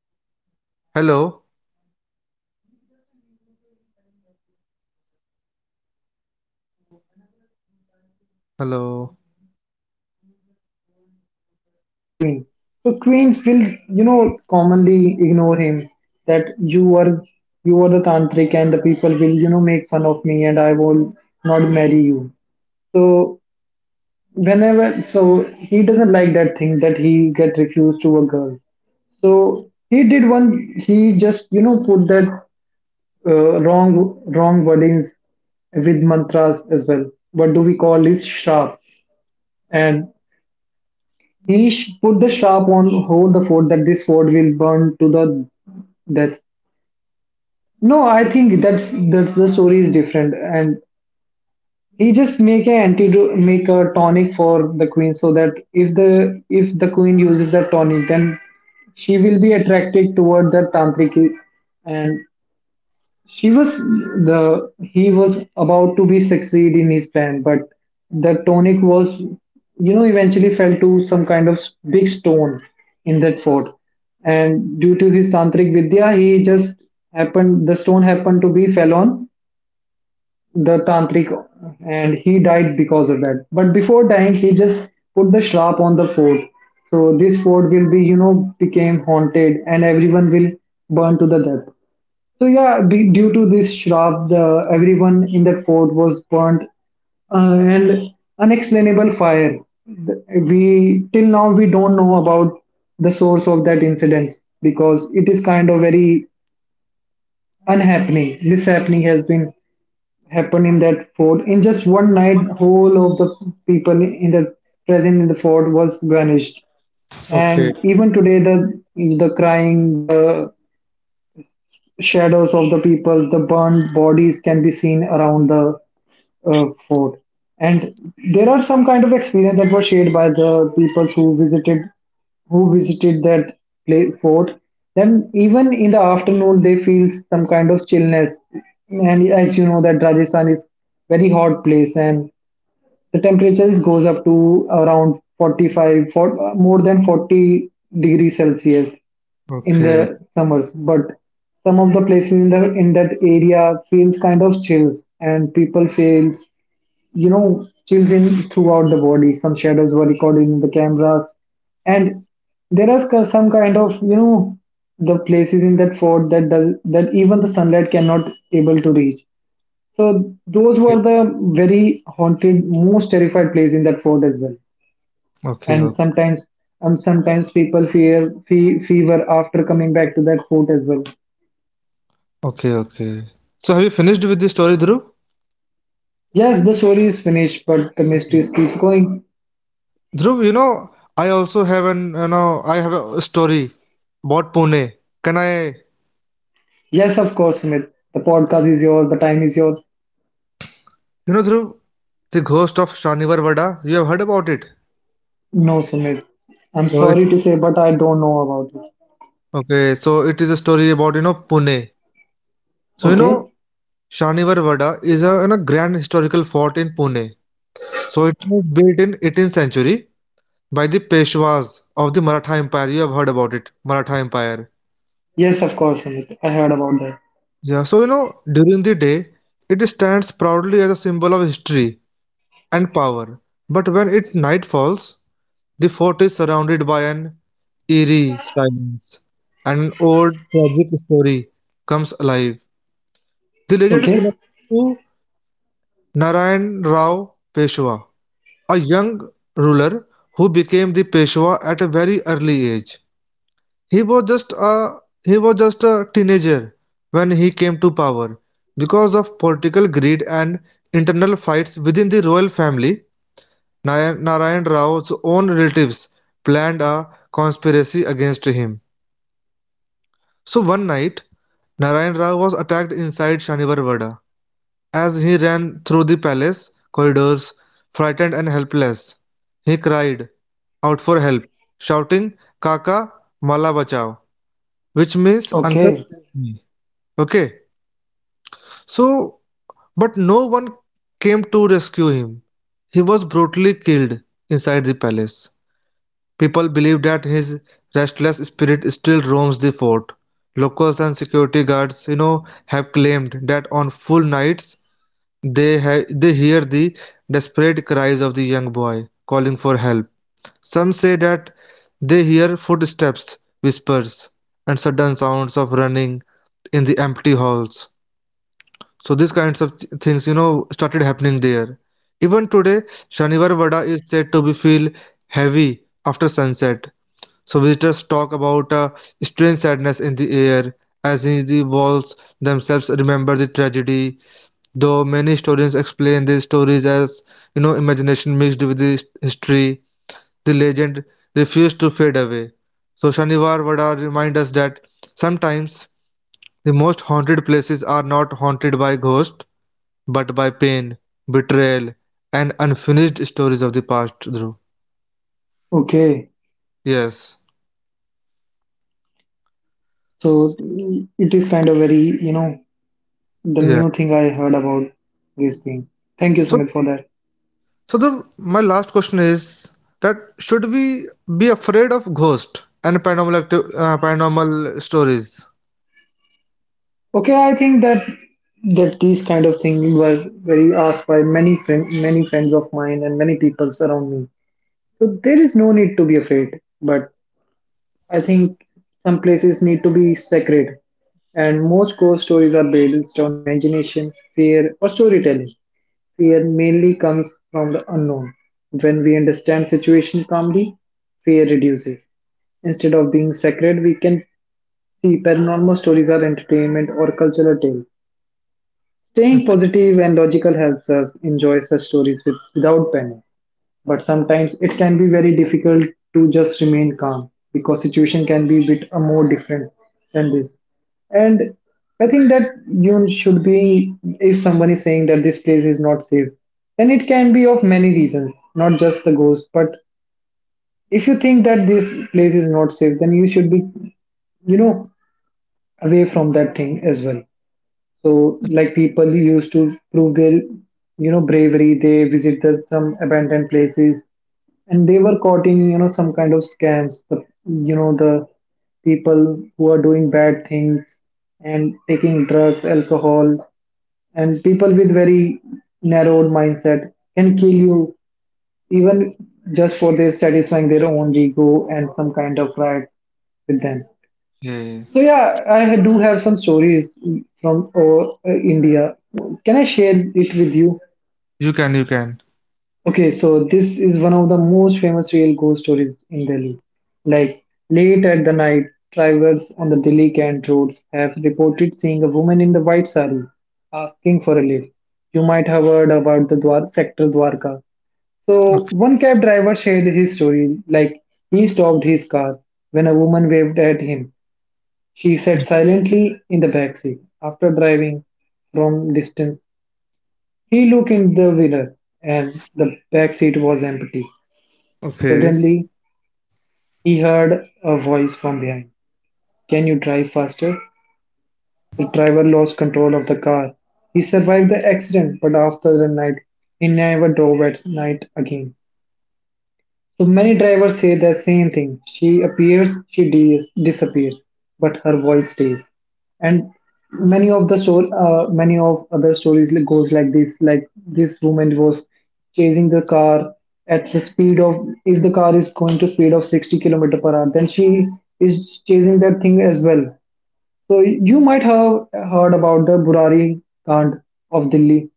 B: with
A: Hello?
B: and he's just a human, so he fell in love with the queen of that food as well. So whenever he tries to do
A: Hello.
B: one thing, he just go and propose that queen. So queens will commonly ignore him that you are the tantric and the people will make fun of me, and I will not marry you. So whenever so he doesn't like that thing that he get refused to a girl. So he did one. He just put that wrong wordings with mantras as well. What do we call is sharp? And he put the sharp on hold the fort that this fort will burn to the death. No, I think that's the story is different. And he just make a antidote, make a tonic for the queen so that if the queen uses that tonic, then she will be attracted toward that tantric. And he was about to be succeed in his plan, but the tonic was, eventually fell to some kind of big stone in that fort. And due to his tantric vidya, he just happened the stone happened to be fell on the tantric, and he died because of that. But before dying, he just put the shrap on the fort. So this fort will became haunted, and everyone will burn to the death. So yeah, due to this shrub, everyone in that fort was burnt, and unexplainable fire. Th- We till now we don't know about the source of that incident because it is kind of very unhappening. Mishappening has been happened in that fort in just one night. Whole of the people in the present in the fort was vanished,
A: Okay.
B: and even today the crying, the shadows of the people, the burned bodies can be seen around the fort. And there are some kind of experience that were shared by the people who visited that fort. Then even in the afternoon, they feel some kind of chillness. And as you know, that Rajasthan is very hot place, and the temperature is goes up to around 45 for, more than 40 degrees celsius in
A: Okay.
B: the summers. But some of the places in the in that area feels kind of chills, and people feels chills in throughout the body. Some shadows were recorded in the cameras. And there are some kind of the places in that fort that does that even the sunlight cannot able to reach. So those
A: Okay.
B: were the very haunted, most terrified place in that fort as well.
A: Okay.
B: And
A: Okay.
B: sometimes, people fear fe fever after coming back to that fort as well.
A: Okay. Okay. So have you finished with this story, Dhruv?
B: Yes, the story is finished, but the mystery keeps going.
A: Dhruv, I also have an you know I have a story about Pune. Can I?
B: Yes, of course, Sumit. The podcast is yours. The time is yours.
A: Dhruv, the ghost of Shanivar Vada. You have heard about it.
B: No, Sumit. I'm
A: So it,
B: sorry to say, but I don't know about it.
A: okay. So it is a story about, Pune. So,
B: Okay.
A: Shanivar Vada is a, grand historical fort in Pune. So it was built in 18th century by the Peshwas of the Maratha Empire. You have heard about it, Maratha Empire.
B: Yes, of course, Sumit. I heard about that.
A: Yeah, so, during the day, it stands proudly as a symbol of history and power. But when it night falls, the fort is surrounded by an eerie silence. And an old tragic story comes alive. The legend is
B: Okay.
A: connected to Narayan Rao Peshwa, a young ruler who became the Peshwa at a very early age. He was just a he was just a teenager when he came to power. Because of political greed and internal fights within the royal family, Narayan Rao's own relatives planned a conspiracy against him. So one night, Narayan Rao was attacked inside Shanivar Vada. As he ran through the palace corridors, frightened and helpless, he cried out for help, shouting, "Kaka, Mala Bachao," which means, "Uncle,
B: Okay.
A: save me." Okay, so but no one came to rescue him. He was brutally killed inside the palace. People believe that his restless spirit still roams the fort. Locals and security guards, have claimed that on full nights, they hear the desperate cries of the young boy calling for help. Some say that they hear footsteps, whispers, and sudden sounds of running in the empty halls. So these kinds of things, started happening there. Even today, Shanivar Vada is said to be feel heavy after sunset. So visitors talk about a strange sadness in the air, as in the walls themselves remember the tragedy. Though many historians explain these stories as, imagination mixed with the history, the legend refused to fade away. So Shanivar Vada remind us that sometimes the most haunted places are not haunted by ghosts, but by pain, betrayal, and unfinished stories of the past, Dhruv.
B: Okay.
A: Yes.
B: So it is kind of very. The
A: Yeah.
B: new thing I heard about this thing. Thank you,
A: So,
B: Sumit, for that.
A: so the, my last question is, that should we be afraid of ghost and paranormal stories?
B: Okay, I think that these kind of things were very asked by many friends of mine and many people around me. So there is no need to be afraid. But I think some places need to be sacred, and most ghost stories are based on imagination, fear, or storytelling. Fear mainly comes from the unknown. When we understand situation calmly, fear reduces. Instead of being sacred, we can see, paranormal stories are entertainment or cultural tales. Staying positive and logical helps us enjoy such stories without panic. But sometimes it can be very difficult to just remain calm because situation can be a bit more different than this. And I think that you should be, if someone is saying that this place is not safe, then it can be of many reasons, not just the ghost. But if you think that this place is not safe, then you should be, you know, away from that thing as well. So, like people used to prove their bravery, they visit some abandoned places, and they were caught in, some kind of scams. The people who are doing bad things and taking drugs, alcohol, and people with very narrowed mindset can kill you even just for their satisfying their own ego and some kind of rights with them.
A: Okay.
B: So yeah, I do have some stories from India. Can I share it with you?
A: You can, you can.
B: Okay, so this is one of the most famous real ghost stories in Delhi. Like late at the night, travelers on the Delhi Cant roads have reported seeing a woman in the white sari asking for a lift. You might have heard about the sector Dwarka. So one cab driver shared his story. Like he stopped his car when a woman waved at him, she sat silently in the back seat. After driving from distance, he looked in the window, and the back seat was empty.
A: Okay.
B: Suddenly, he heard a voice from behind. Can you drive faster? The driver lost control of the car. He survived the accident, but after the night, he never drove at night again. So many drivers say the same thing. She appears, she disappears, but her voice stays. And many of the story, many of other stories goes like this. Like this woman was chasing the car at the speed of, if the car is going to speed of 60 kilometer per hour, then she is chasing that thing as well. So you might have heard about the Burari Kand of Delhi.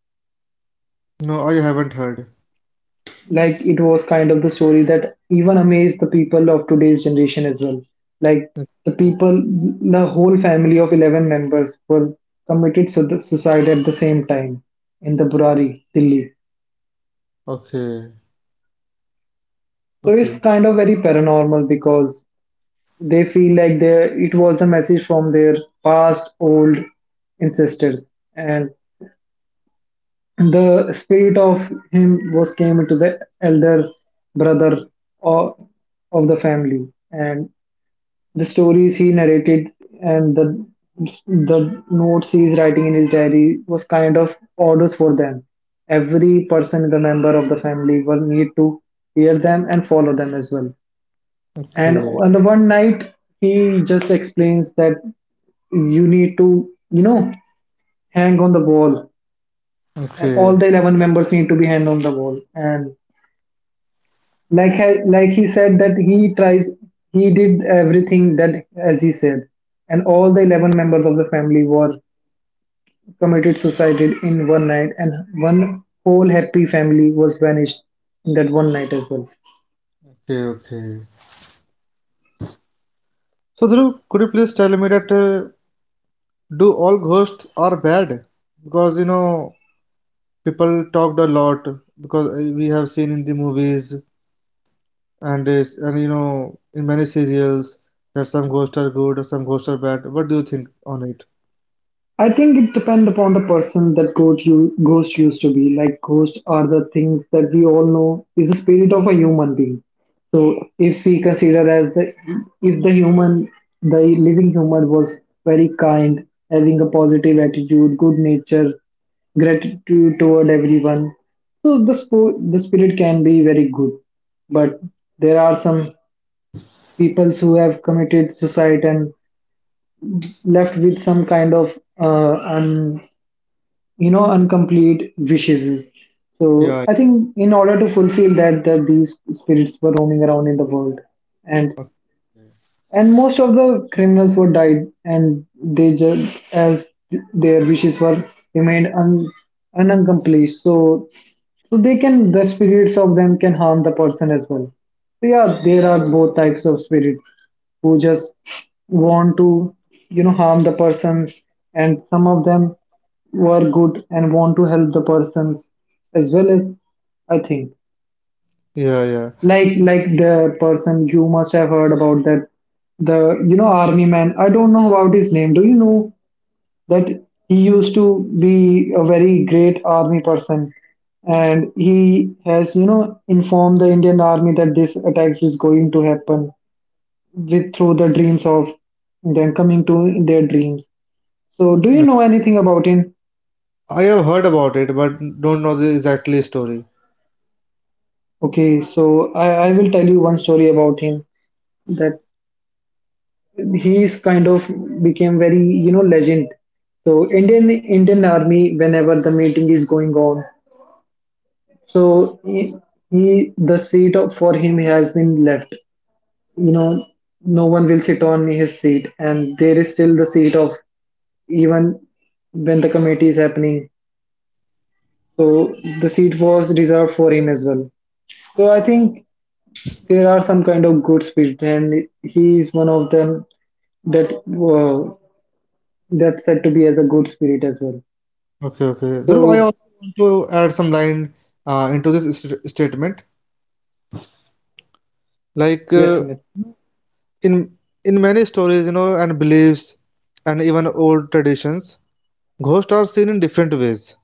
A: No, I haven't heard.
B: Like it was kind of the story that even amazed the people of today's generation as well. Like the
A: Okay.
B: people the whole family of 11 members were committed suicide at the same time in the Burari Delhi.
A: Okay.
B: So it's
A: Okay.
B: kind of very paranormal because they feel like they it was a message from their past old ancestors, and the spirit of him was came into the elder brother or of the family. And the stories he narrated and the notes he's writing in his diary was kind of orders for them. Every person, the member of the family, will need to hear them and follow them as well. And
A: Okay.
B: on the one night, he just explains that you need to, you know, hang on the wall. All
A: Okay.
B: the 11 members need to be hanged on the wall. And like he said that he did everything that as he said, and all the 11 members of the family were committed suicide in one night, and one whole happy family was vanished in that one night as well.
A: Okay. Okay. So, Dhruv, could you please tell me that, do all ghosts are bad? Because, people talked a lot because, we have seen in the movies, and, and, in many serials, that some ghosts are good or some ghosts are bad. What do you think on it?
B: I think it depends upon the person that ghost used to be. Like ghosts are the things that we all know is the spirit of a human being. So if we consider as the, if the human, the living human was very kind, having a positive attitude, good nature, gratitude toward everyone. So the the spirit can be very good, but there are some peoples who have committed suicide and left with some kind of you know incomplete wishes. So
A: Yeah,
B: I think in order to fulfill that these spirits were roaming around in the world. And most of the criminals were died, and they just as their wishes were remained unaccomplished. So, they can, the spirits of them can harm the person as well. So yeah, there are both types of spirits who just want to, you know, harm the person, and some of them were good and want to help the persons as well. As I think,
A: yeah, yeah.
B: like the person you must have heard about that, the you know army man, I don't know about his name, do you know that he used to be a very great army person, and he has you know informed the Indian army that this attack is going to happen with through the dreams of them coming to their dreams. So do you know anything about him?
A: I have heard about it, but don't know the exactly story.
B: Okay, so I will tell you one story about him. That he's kind of became very you know legend. So indian Indian army whenever the meeting is going on, so he, he the for him has been left, you know, no one will sit on his seat, and there is still the seat of even when the committee is happening. So the seat was reserved for him as well. So I think there are some kind of good spirit, and he is one of them. That uh, that's said to be as a good spirit as well.
A: Okay, okay. Dhruv, I
B: So,
A: also want to add some line, into this st statement. Like,
B: yes, Smith.
A: in in many stories, and beliefs, and even old traditions. Ghosts are seen in different ways,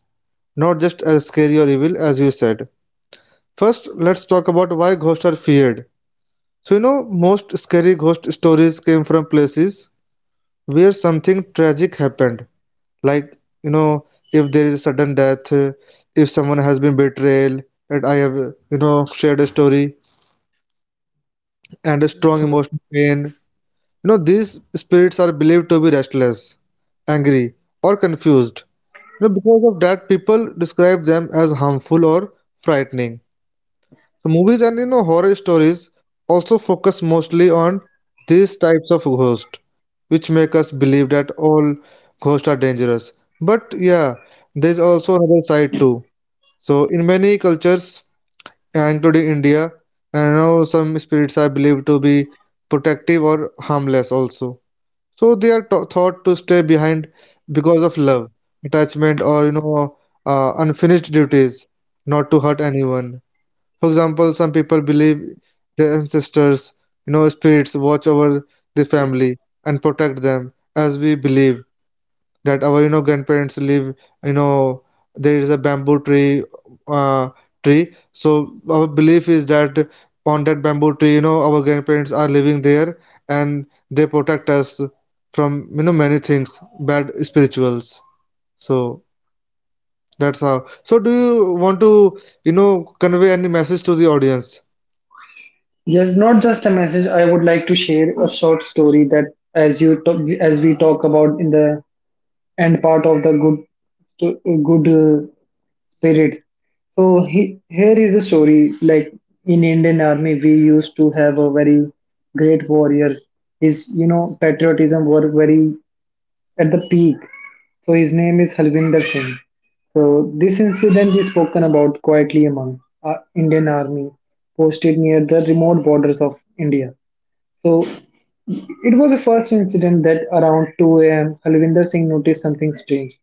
A: not just as scary or evil as you said. First, let's talk about why ghosts are feared. So, most scary ghost stories came from places where something tragic happened, like, you know, if there is a sudden death, if someone has been betrayed, and I have, shared a story, and a
B: Yes,
A: strong
B: Smith.
A: emotional pain. These spirits are believed to be restless, angry, or confused. Because of that, people describe them as harmful or frightening. So movies and, horror stories also focus mostly on these types of ghosts, which make us believe that all ghosts are dangerous. But yeah, there's also another side too. So in many cultures, yeah, including India, I know some spirits are believed to be protective or harmless also. So they are thought to stay behind because of love, attachment, or, unfinished duties, not to hurt anyone. For example, some people believe their ancestors, spirits watch over the family and protect them, as we believe that our, grandparents live, you know there is a bamboo tree, uh, tree so our belief is that on that bamboo tree, our grandparents are living there, and they protect us from, many things, bad spirituals. So that's how. So do you want to, you know convey any message to the audience?
B: Yes, not just a message. I would like to share a short story that, as we talk about in the end part of the good spirits. So here is a story. Like in Indian Army, we used to have a very great warrior. His you know patriotism were very at the peak. So his name is Halvinder Singh. So this incident is spoken about quietly among Indian army posted near the remote borders of India. So it was the first incident that around 2 a.m. Halvinder Singh noticed something strange.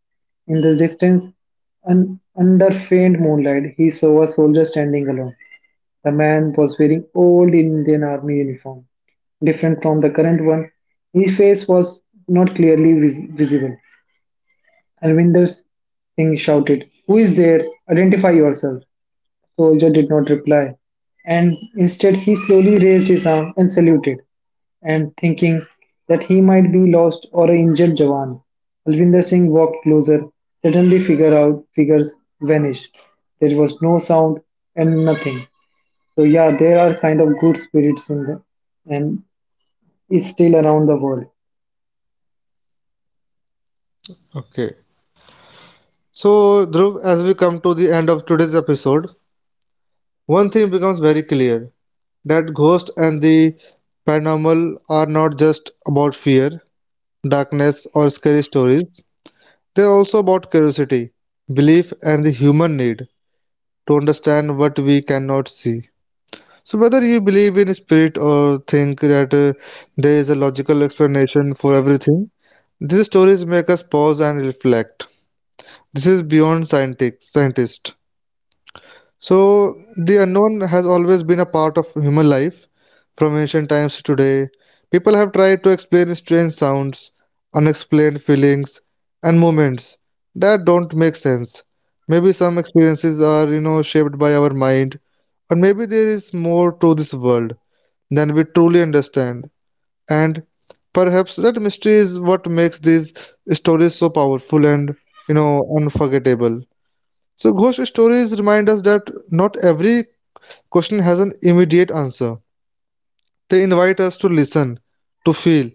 B: In the distance, under faint moonlight, he saw a soldier standing alone. The man was wearing old Indian army uniform, different from the current one. His face was not clearly visible, and Alvinder Singh shouted, who is there? Identify yourself. The soldier did not reply, and instead he slowly raised his arm and saluted, and thinking that he might be lost or an injured Jawan. Alvinder Singh walked closer. Suddenly figures vanished. There was no sound and nothing. So yeah, there are kind of good spirits in the and is still around the world.
A: Okay. So, Dhruv, as we come to the end of today's episode, one thing becomes very clear. That ghosts and the paranormal are not just about fear, darkness, or scary stories. They're also about curiosity, belief, and the human need to understand what we cannot see. So, whether you believe in spirit or think that, there is a logical explanation for everything, these stories make us pause and reflect. This is beyond scientific, scientist. So, the unknown has always been a part of human life, from ancient times to today. People have tried to explain strange sounds, unexplained feelings, and moments that don't make sense. Maybe some experiences are, shaped by our mind, or maybe there is more to this world than we truly understand. And perhaps that mystery is what makes these stories so powerful and, unforgettable. So ghost stories remind us that not every question has an immediate answer. They invite us to listen, to feel,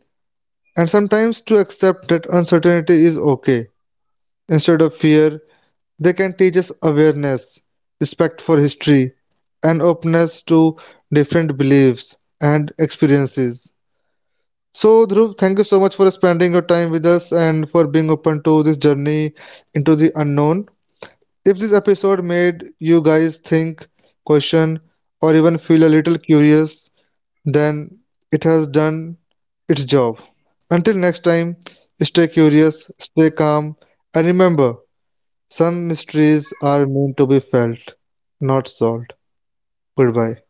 A: and sometimes to accept that uncertainty is okay. Instead of fear, they can teach us awareness, respect for history, and openness to different beliefs and experiences. So, Dhruv, thank you so much for spending your time with us, and for being open to this journey into the unknown. If this episode made you guys think, question, or even feel a little curious, then it has done its job. Until next time, stay curious, stay calm, and remember, some mysteries are meant to be felt, not solved. Goodbye.